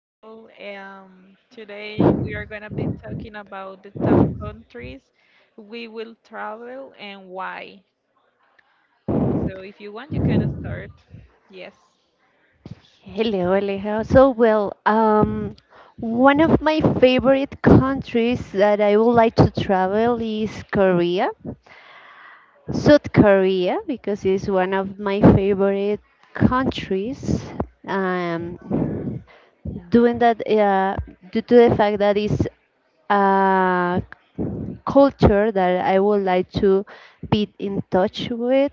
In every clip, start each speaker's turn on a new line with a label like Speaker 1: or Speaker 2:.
Speaker 1: Today we are going to be talking about the top countries we will travel and why. So if you want, you can start. Yes.
Speaker 2: Hello, Aleja. One of my favorite countries that I would like to travel is Korea, South Korea, because it's one of my favorite countries. Um, yeah. Doing that due to the fact that it's a culture that I would like to be in touch with.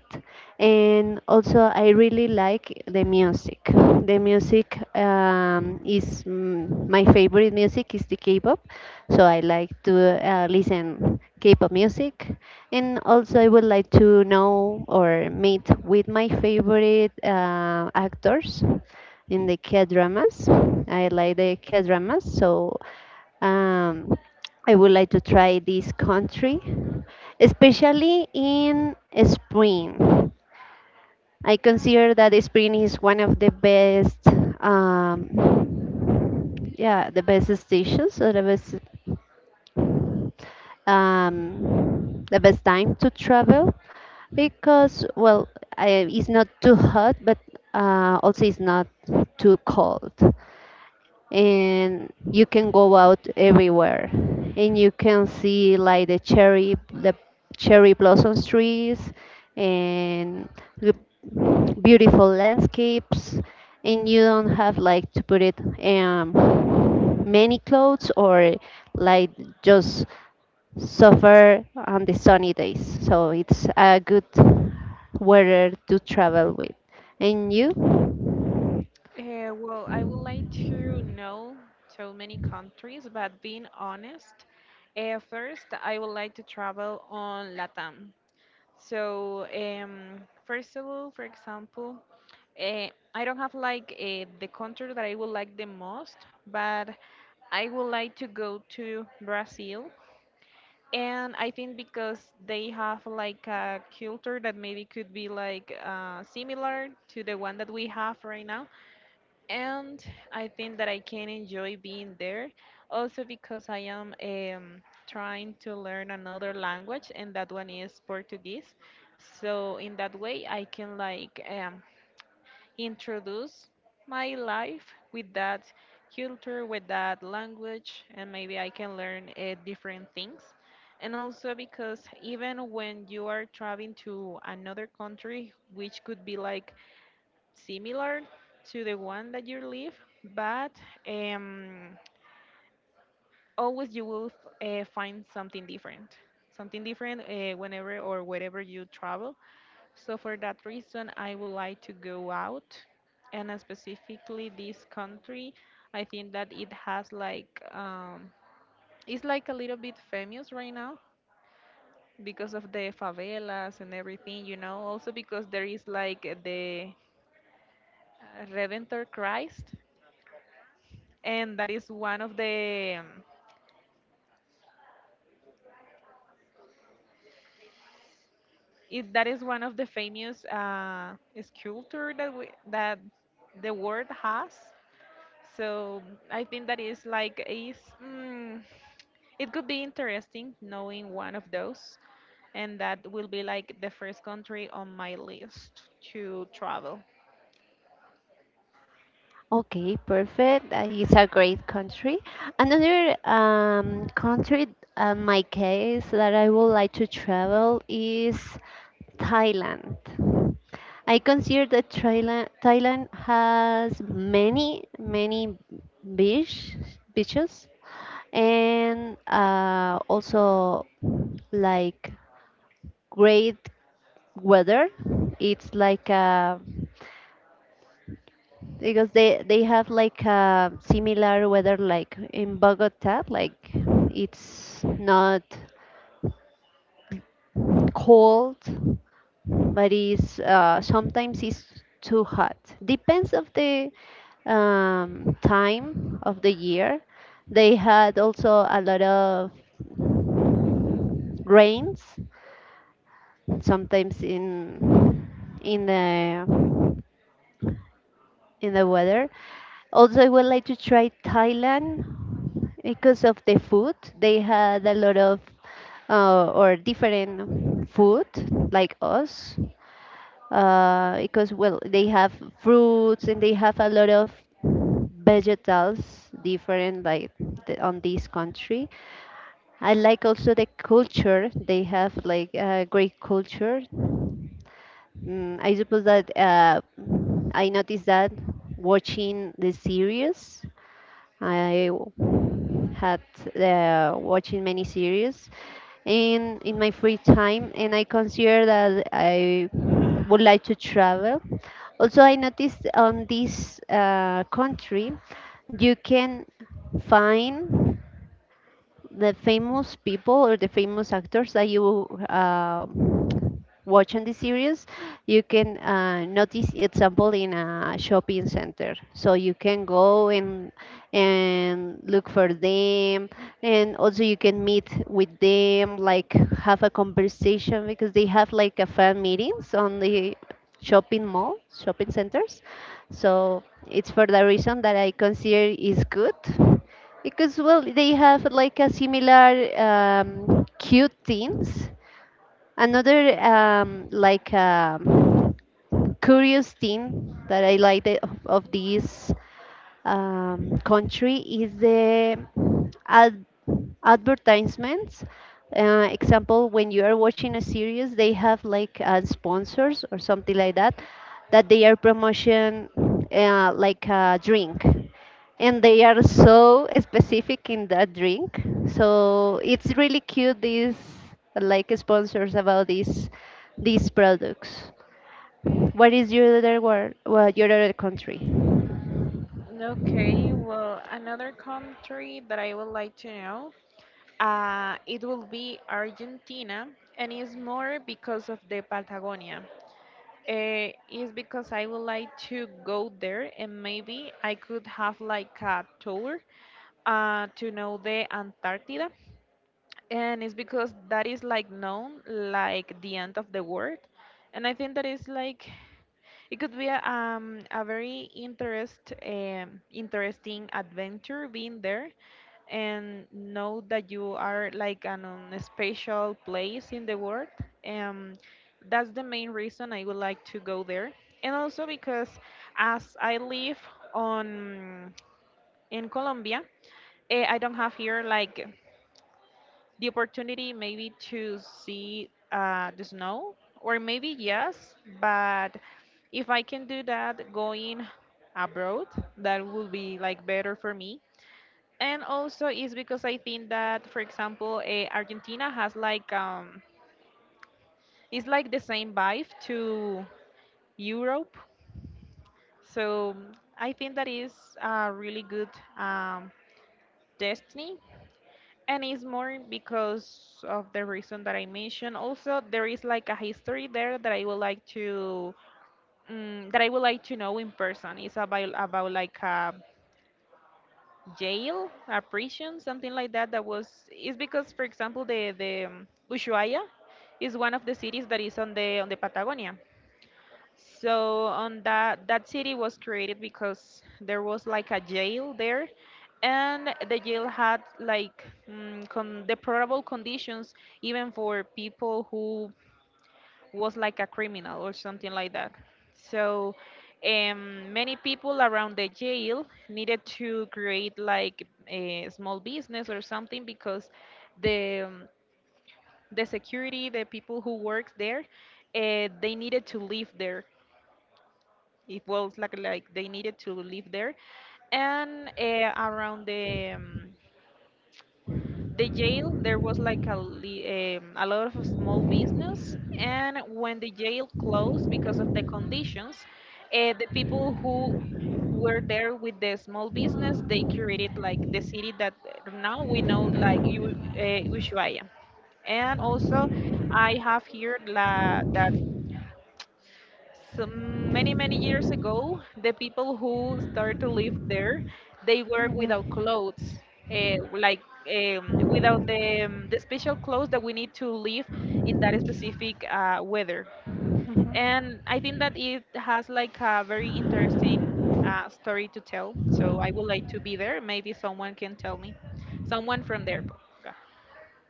Speaker 2: And also, I really like the music. My favorite music is the K-pop, so I like to listen K-pop music, and also I would like to know or meet with my favorite actors in the K-dramas. I like the K-dramas, so um, I would like to try this country, especially in spring. I consider that spring is one of the best, um, yeah, the best stations, or the best, the best time to travel because it's not too hot, but also it's not too cold, and you can go out everywhere, and you can see like the cherry blossoms trees and the beautiful landscapes, and you don't have like to put it, um, many clothes, or like just suffer on the sunny days. So it's a good weather to travel with. And you?
Speaker 1: Well, I would like to know so many countries, but being honest, first I would like to travel on LATAM. First of all, for example, uh, I don't have like the country that I would like the most, but I would like to go to Brazil. And I think because they have like a culture that maybe could be like similar to the one that we have right now. And I think that I can enjoy being there. Also because I am trying to learn another language, and that one is Portuguese. So in that way, I can like introduce my life with that culture, with that language, and maybe I can learn different things. And also because even when you are traveling to another country, which could be like similar to the one that you live, but um, always you will find something different. Something different whenever or wherever you travel so for that reason, I would like to go out, and specifically this country. I think that it has like it's like a little bit famous right now because of the favelas and everything, you know. Also because there is like the Redentor Christ, and that is one of the it, that is one of the famous sculpture that we, that the world has. So I think that is like is. Mm, It could be interesting knowing one of those, and that will be like the first country on my list to travel.
Speaker 2: Okay, perfect. It's a great country. Another country, my case, that I would like to travel is Thailand. I consider that Thailand has many, beach, beaches, and also like great weather. It's like because they have like similar weather like in Bogota. Like it's not cold, but it's, sometimes it's too hot. Depends of the, time of the year. They had also a lot of rains sometimes in the in the weather. Also, I would like to try Thailand because of the food. They had a lot of or different food like us. Because well, they have fruits, and they have a lot of vegetals different like on this country. I like also the culture. They have like a great culture. I suppose that I noticed that watching the series. Had watching many series in my free time, and I consider that I would like to travel. Also, I noticed on this country, you can find the famous people or the famous actors that you watch on the series. You can notice example in a shopping center. So you can go and look for them, and also you can meet with them, like have a conversation, because they have like a fan meetings on the shopping mall, shopping centers. So it's for the reason that I consider is good because, well, they have like a similar, cute things. Another curious thing that I like of this, country is the, uh, advertisements. Example, when you are watching a series, they have like sponsors or something like that, that they are promotion, like a drink, and they are so specific in that drink, so it's really cute these like sponsors about these products. What is your other country?
Speaker 1: Okay, well, another country that I would like to know, it will be Argentina, and it's more because of the Patagonia. It's because I would like to go there, and maybe I could have like a tour to know the Antarctica. And it's because that is like known like the end of the world, and I think that is like it could be a very interesting adventure being there and know that you are like an, on a special place in the world. um, that's the main reason I would like to go there, and also because as I live on in Colombia, I don't have here like the opportunity maybe to see the snow, or maybe yes, but if I can do that going abroad, that would be like better for me. And also is because I think that for example Argentina has like um, it's like the same vibe to Europe. So I think that is a really good um, destiny. And it's more because of the reason that I mentioned. Also, there is like a history there that I would like to that I would like to know in person. It's about like a jail, a prison, something like that. That was it's because, for example, the Ushuaia is one of the cities that is on the Patagonia. So on that city was created because there was like a jail there, and the jail had like con deplorable conditions even for people who was like a criminal or something like that. So many people around the jail needed to create like a small business or something because the um, the security, the people who worked there, they needed to live there. It was like they needed to live there, and around the jail there was like a a lot of small business. And when the jail closed because of the conditions, the people who were there with the small business they created like the city that now we know like Ushuaia. And also, I have here la, that so many many years ago the people who started to live there they were without clothes, like without the, the special clothes that we need to live in that specific weather. And I think that it has like a very interesting story to tell, so I would like to be there maybe someone can tell me, someone from there. Yeah.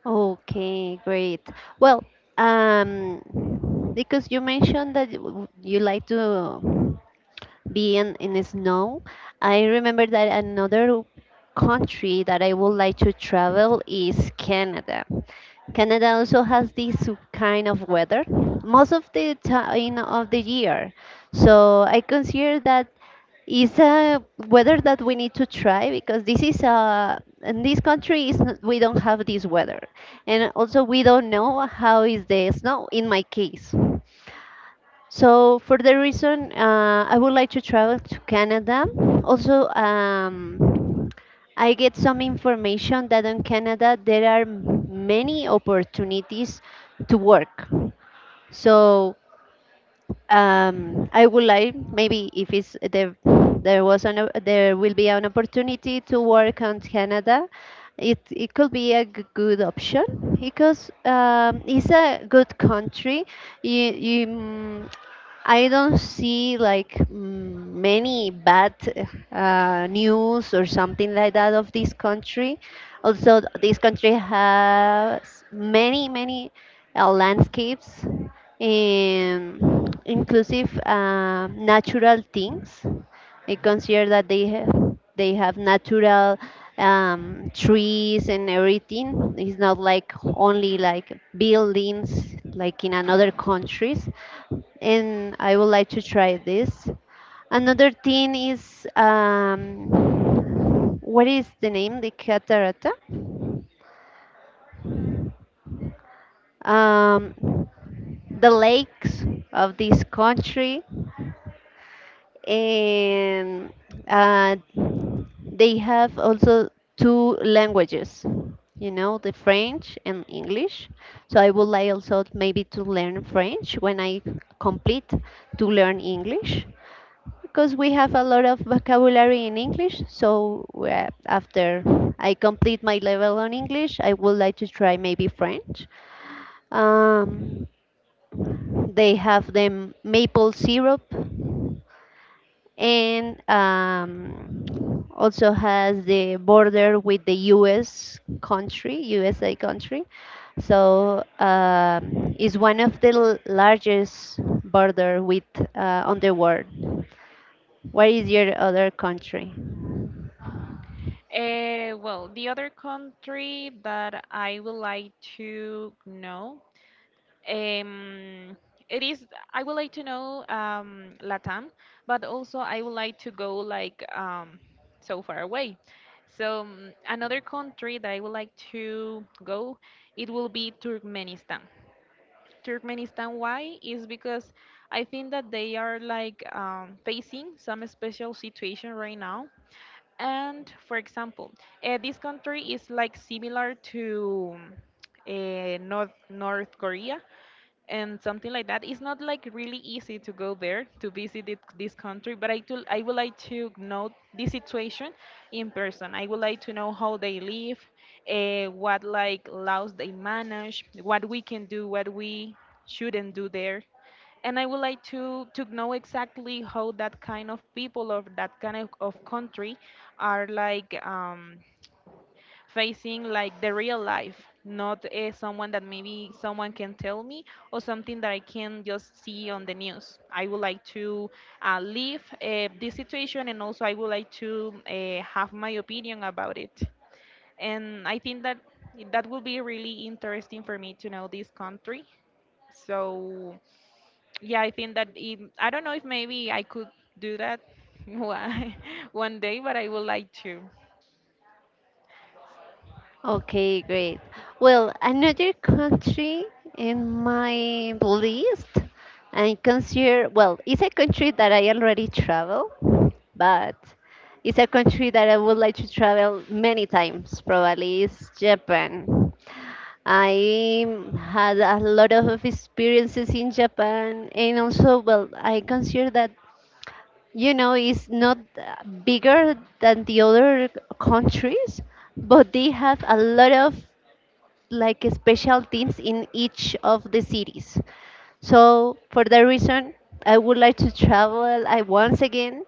Speaker 2: Okay, great. Well, um, because you mentioned that you like to be in the snow, I remember that another country that I would like to travel is Canada. Canada also has this kind of weather most of the time of the year. So I consider that is a weather that we need to try, because this is a, in this country is, we don't have this weather, and also we don't know how is the snow in my case. So for the reason, I would like to travel to Canada. Also, I get some information that in Canada there are many opportunities to work. So, I would like, maybe if it's there, there will be an opportunity to work on Canada. It could be a good option because, it's a good country. You, you mm, I don't see like, many bad news or something like that of this country. Also, this country has many many landscapes, inclusive natural things. I consider that they have natural, trees and everything. It's not like only like buildings like in another countries. And I would like to try this. Another thing is, what is the name? The catarata, um, the lakes of this country. And uh, they have also two languages, you know, the French and English. So I would like also maybe to learn French when I complete to learn English, because we have a lot of vocabulary in English. So after I complete my level on English, I would like to try maybe French. um, they have the maple syrup, and also has the border with the U.S. country, USA country. So is one of the largest border with, on the world. What is your other country?
Speaker 1: Well, the other country that I would like to know, Um, it is. I would like to know Latam, but also I would like to go like so far away. So another country that I would like to go, it will be Turkmenistan. Turkmenistan, why? Is because I think that they are like facing some special situation right now. And for example, this country is like similar to North Korea and something like that. It's not like really easy to go there to visit it, this country, but I, do, I would like to know this situation in person. I would like to know how they live, what like laws they manage, what we can do, what we shouldn't do there. And I would like to know exactly how that kind of people of that kind of country are like facing like the real life, not someone that maybe someone can tell me or something that I can just see on the news. I would like to leave this situation, and also I would like to have my opinion about it. And I think that that will be really interesting for me to know this country. So yeah, I think that it, I don't know if maybe I could do that one one day, but I would like to.
Speaker 2: Okay, great. Well, another country in my list, I consider, well, it's a country that I already travel, but it's a country that I would like to travel many times, probably is Japan. I had a lot of experiences in Japan, and also, well, I consider that, you know, it's not bigger than the other countries, but they have a lot of like special teams in each of the cities. So for that reason, I would like to travel I once again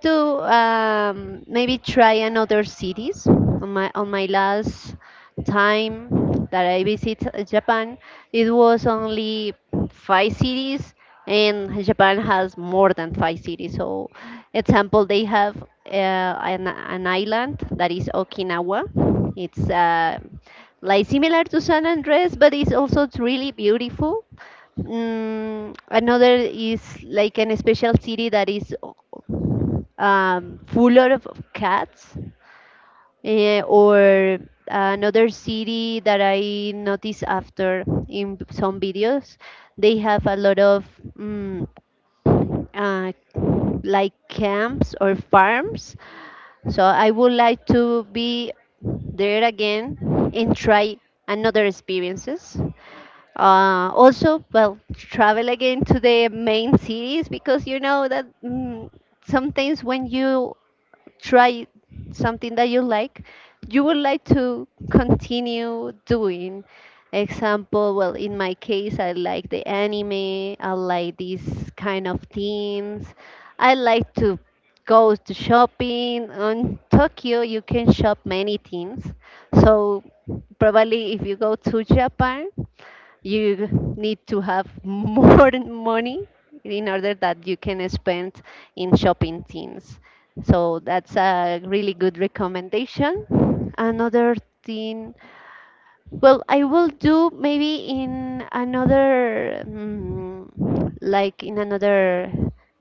Speaker 2: to, maybe try another cities. On my, on my last time that I visit Japan, it was only five cities, and Japan has more than five cities. So example, they have an island that is Okinawa. It's like similar to San Andres, but it's also really beautiful. Another is like an special city that is, full of cats, eh, or another city that I noticed after in some videos, they have a lot of, mm, uh, like camps or farms. So I would like to be there again and try another experiences. Also, well, travel again to the main cities, because you know that, sometimes when you try something that you like, you would like to continue doing. Example, well, in my case, I like the anime, I like these kind of themes, I like to go to shopping. On Tokyo, you can shop many things. So, probably if you go to Japan, you need to have more money in order that you can spend in shopping things. So that's a really good recommendation. Another thing, well, I will do maybe in another, like in another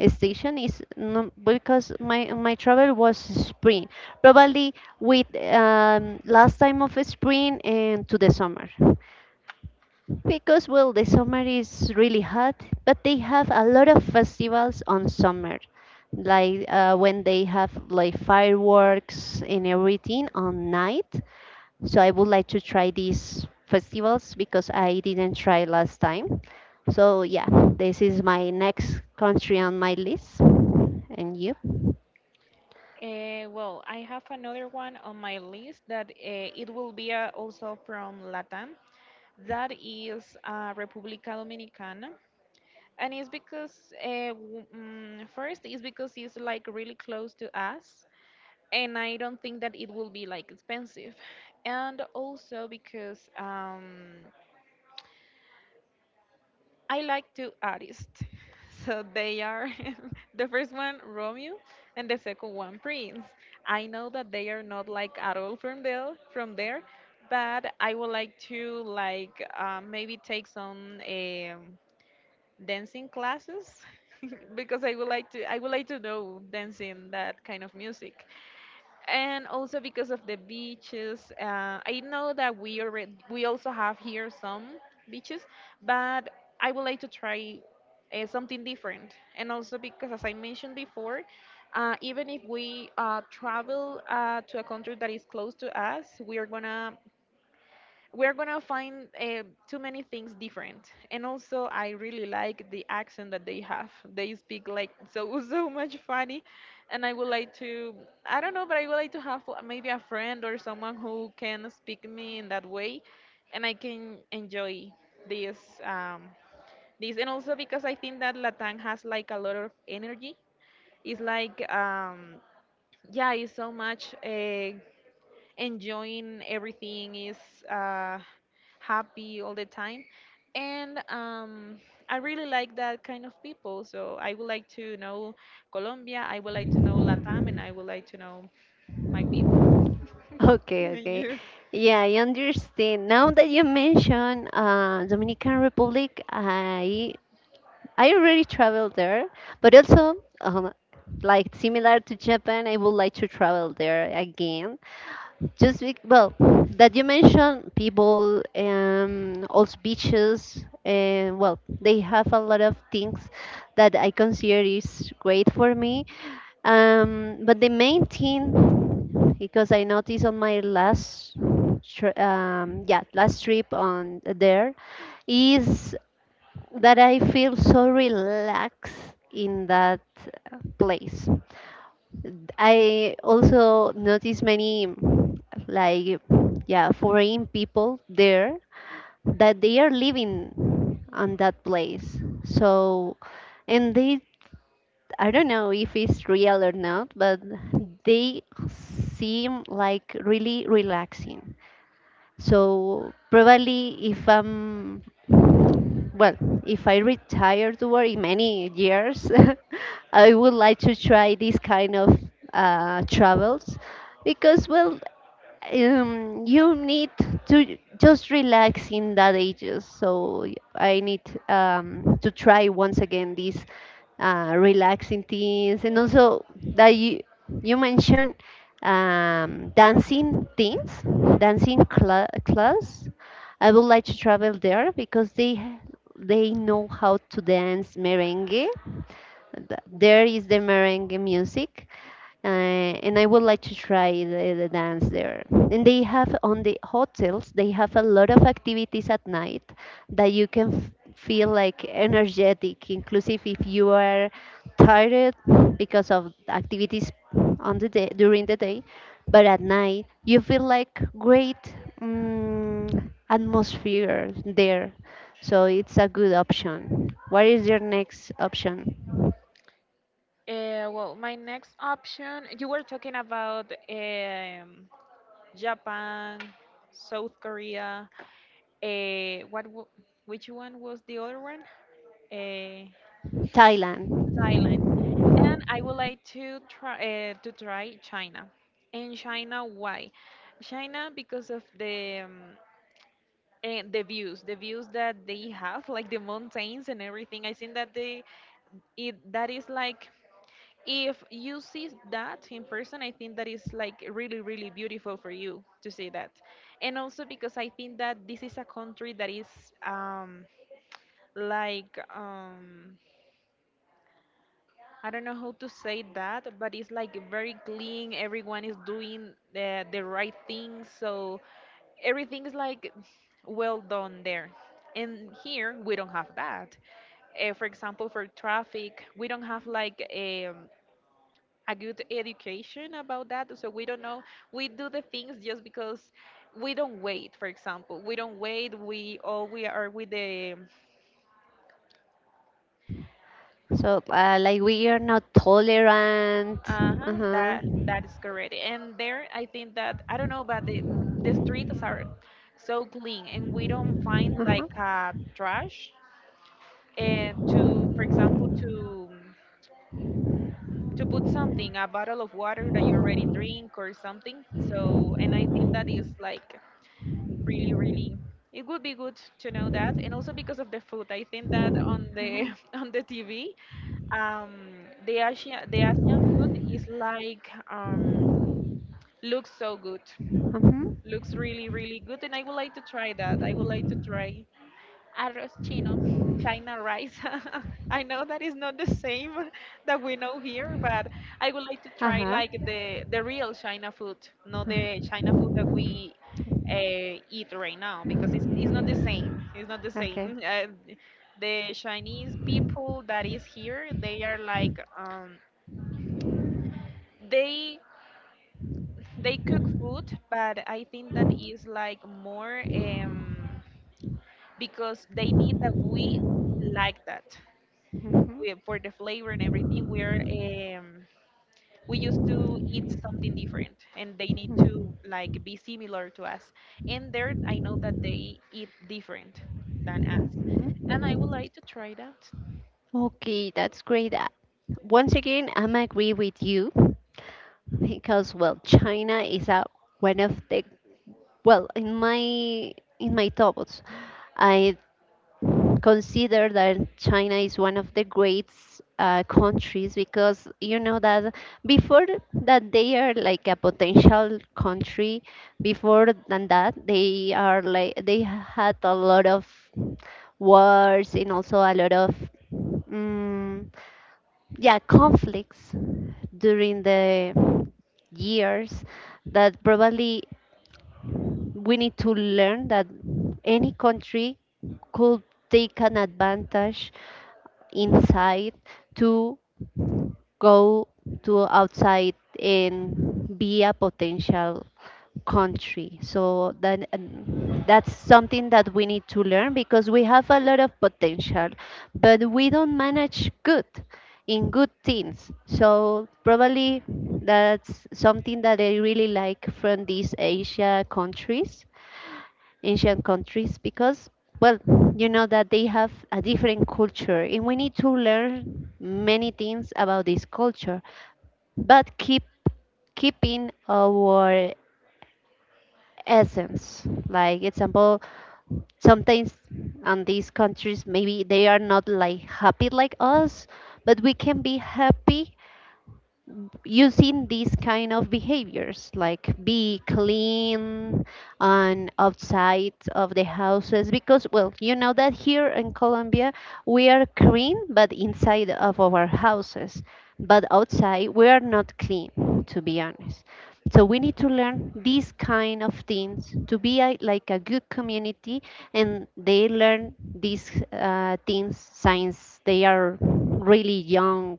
Speaker 2: station is no, because my travel was spring, probably with, last time of spring and to the summer. Because, well, the summer is really hot, but they have a lot of festivals on summer, like when they have like fireworks and everything on night. So I would like to try these festivals because I didn't try last time. So yeah, this is my next country on my list. And you?
Speaker 1: Well, I have another one on my list that it will be also from Latam. That is República Dominicana. And it's because, first, it's because it's like really close to us. And I don't think that it will be like expensive. And also because I like two artists. So they are the first one Romeo and the second one Prince. I know that they are not like at all from there, but I would like to like maybe take some dancing classes because I would like to know dancing that kind of music, and also because of the beaches. I know that we already we also have here some beaches, but I would like to try something different. And also because, as I mentioned before, even if we travel to a country that is close to us, we are gonna we're gonna find too many things different. And also I really like the accent that they have, they speak like so so much funny, and I would like to, I don't know, but I would like to have maybe a friend or someone who can speak me in that way and I can enjoy this um this and also because I think that Latin has like a lot of energy. It's like um, yeah, it's so much enjoying everything, is uh, happy all the time. And I really like that kind of people, so I would like to know Colombia, I would like to know Latam, and I would like to know my people.
Speaker 2: Okay,
Speaker 1: And
Speaker 2: okay.
Speaker 1: you?
Speaker 2: Yeah, I understand. Now that you mention Dominican Republic, I already traveled there, but also, um, like similar to Japan, I would like to travel there again. Well, that you mentioned people, also beaches, and well, they have a lot of things that I consider is great for me. But the main thing, because I noticed on my last, last trip on there, is that I feel so relaxed in that place. I also notice many, like yeah, foreign people there, that they are living on that place. So, and they, I don't know if it's real or not, but they seem like really relaxing. So probably if I'm, well, if I retire to work in many years, I would like to try this kind of travels, because well, you need to just relax in that ages. So I need, to try once again these relaxing things, and also that you mentioned, dancing things, dancing cla class. I would like to travel there because they know how to dance merengue. There is the merengue music, and I would like to try the dance there. And they have on the hotels, they have a lot of activities at night, that you can feel like energetic, inclusive if you are tired because of activities on the day during the day, but at night you feel like great atmosphere there. So it's a good option. What is your next option?
Speaker 1: Well, my next option, you were talking about Japan, South Korea, uh, what w- which one was the other one? uh,
Speaker 2: Thailand.
Speaker 1: Thailand. And I would like to try to try China. And China, why? China because of the the views that they have, like the mountains and everything. I think that they it that is like if you see that in person, I think that is like really really beautiful for you to see that. And also because I think that this is a country that is um like um I don't know how to say that, but it's like very clean. Everyone is doing the right thing, so everything is like well done there. And here we don't have that. For example, for traffic, we don't have like a good education about that, so we don't know. We do the things just because we don't wait. For example, we don't wait. We all we are with the
Speaker 2: So, like, we are not tolerant.
Speaker 1: Uh-huh,
Speaker 2: Uh-huh.
Speaker 1: that that is correct. And there, I think that I don't know, but the streets are so clean, and we don't find like trash. And to, for example, to put something, a bottle of water that you already drink or something. So, and I think that is like really,
Speaker 2: Uh-huh.
Speaker 1: really. It would be good to know that, and also because of the food. I think that on the on the TV, the Asian food is like, looks so good. Looks really, really good, and I would like to try that. I would like to try arroz chino, China rice. I know that is not the same that we know here, but I would like to try like the real China food, not the China food that we eat right now, because it's not the same. It's not the same. The Chinese people that is here, they are like, they they cook food, but I think that is like more. Because they need that we like that we, for the flavor and everything we are we used to eat something different and they need to like be similar to us, and there I know that they eat different than us, and I would like to try that.
Speaker 2: Okay, that's great. Once again, I'm agree with you because well, China is a, one of the... Well, in my thoughts, I consider that China is one of the great countries because you know that before that they are like a potential country. Before than that, they are like they had a lot of wars and also a lot of mm yeah, conflicts during the years that probably we need to learn that any country could take an advantage inside to go to outside and be a potential country, so that and that's something that we need to learn because we have a lot of potential but we don't manage good in good things, so probably that's something that I really like from these asia countries, Asian countries because, well, you know that they have a different culture and we need to learn many things about this culture, but keeping our essence. Like example, sometimes on these countries maybe they are not like happy like us, but we can be happy using these kind of behaviors like be clean and outside of the houses, because well you know that here in Colombia we are clean but inside of our houses, but outside we are not clean, to be honest. So we need to learn these kind of things to be a, like a good community, and they learn these things since they are really young,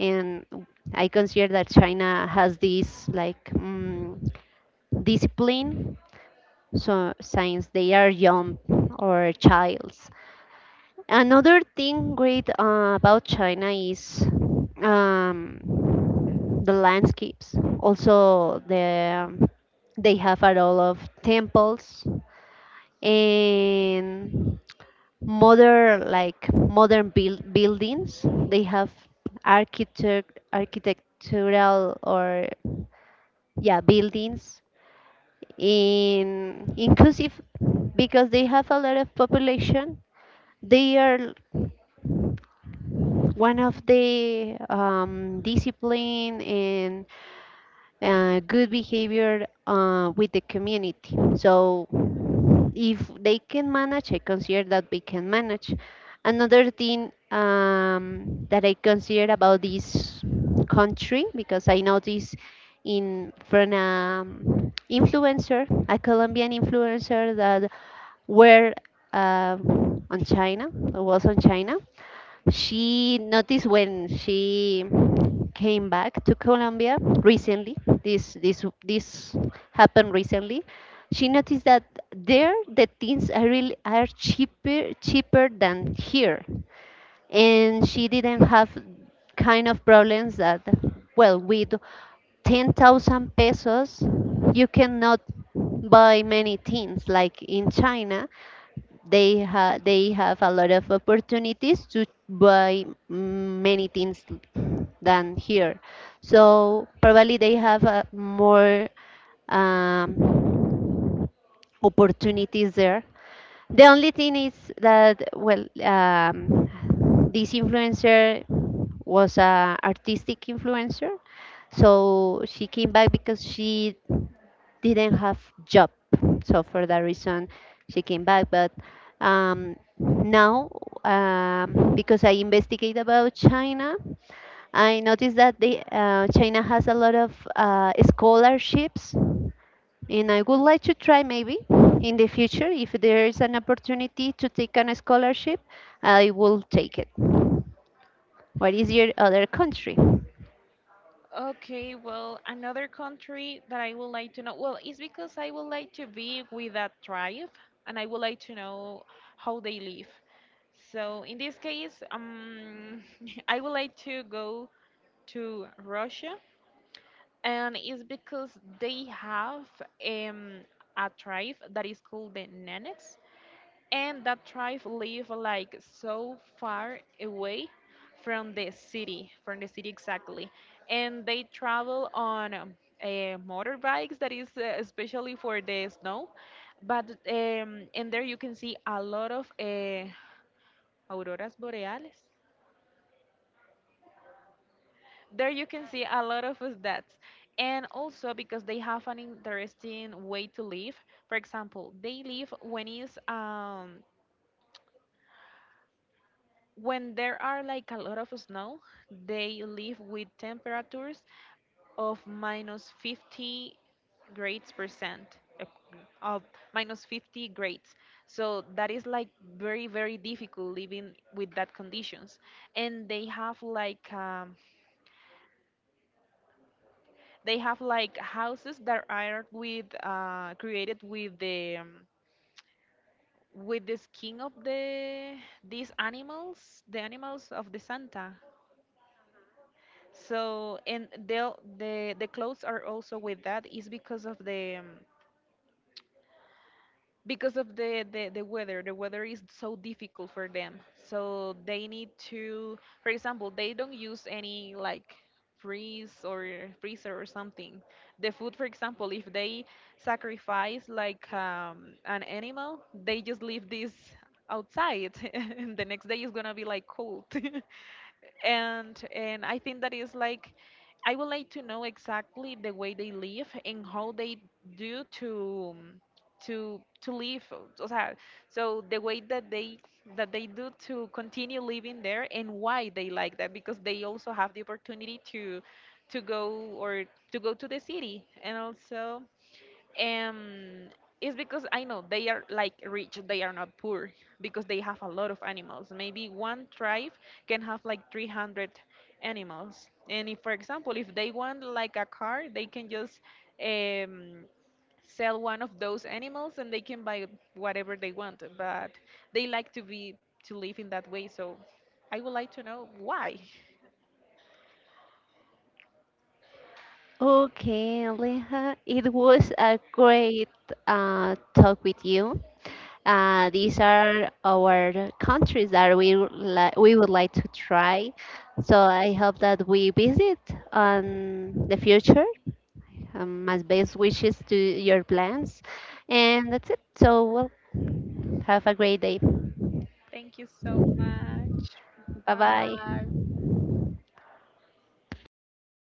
Speaker 2: and I consider that China has this like mm discipline. So since they are young or childs. Another thing great about China is um, the landscapes. Also, the they have a lot of temples and modern, like modern buildings. They have architectural or yeah buildings, in inclusive, because they have a lot of population. They are one of the discipline and good behavior with the community. So if they can manage, I consider that we can manage. Another thing that I consider about this country, because I noticed in from an influencer, a Colombian influencer that were uh, on China, or was on China, she noticed when she came back to Colombia recently. This happened recently. She noticed that there the things are really are cheaper than here, and she didn't have kind of problems that, well, with 10,000 pesos you cannot buy many things. Like in China they they have a lot of opportunities to buy many things than here, so probably they have more um, opportunities there. The only thing is that, well, this influencer was a artistic influencer, so she came back because she didn't have job, so for that reason she came back. But now, because I investigate about China, I noticed that they, China has a lot of scholarships, and I would like to try maybe in the future if there is an opportunity to take on a scholarship, I will take it. What is your other country?
Speaker 1: Okay, well, another country that I would like to know, well, it's because I would like to be with that tribe, and I would like to know how they live. So in this case, I would like to go to Russia, and it's because they have um, a tribe that is called the Nenets, and that tribe live like so far away from the city exactly, and they travel on uh, motorbikes that is especially for the snow. But and there you can see a lot of auroras boreales. There you can see a lot of stats, and also because they have an interesting way to live. For example, they live when it's, when there are like a lot of snow, they live with temperatures of minus 50 grades percent, of minus 50 grades. So that is like very, very difficult living with that conditions. And they have like, they have like houses that are with created with the skin of the these animals, the animals of the Santa. So and they'll, the clothes are also with that, is because of the, the weather. The weather is so difficult for them, so they need to, for example, they don't use any like freeze or freezer or something. The food, for example, if they sacrifice like, an animal, they just leave this outside and the next day is gonna be like cold. And I think that is like, I would like to know exactly the way they live and how they do to to live. O sea, so the way that they do to continue living there, and why they like that, because they also have the opportunity to go, or to go to the city. And also um, it's because I know they are like rich, they are not poor, because they have a lot of animals. Maybe one tribe can have like 300 animals, and if, for example, if they want like a car, they can just um, sell one of those animals, and they can buy whatever they want. But they like to be, to live in that way. So I would like to know why.
Speaker 2: Okay, Aleja, it was a great talk with you. These are our countries that we would like to try. So I hope that we visit on the future. My best wishes to your plans, and that's it. So well, have a great day.
Speaker 1: Thank you so much.
Speaker 2: Bye bye.
Speaker 1: Bye.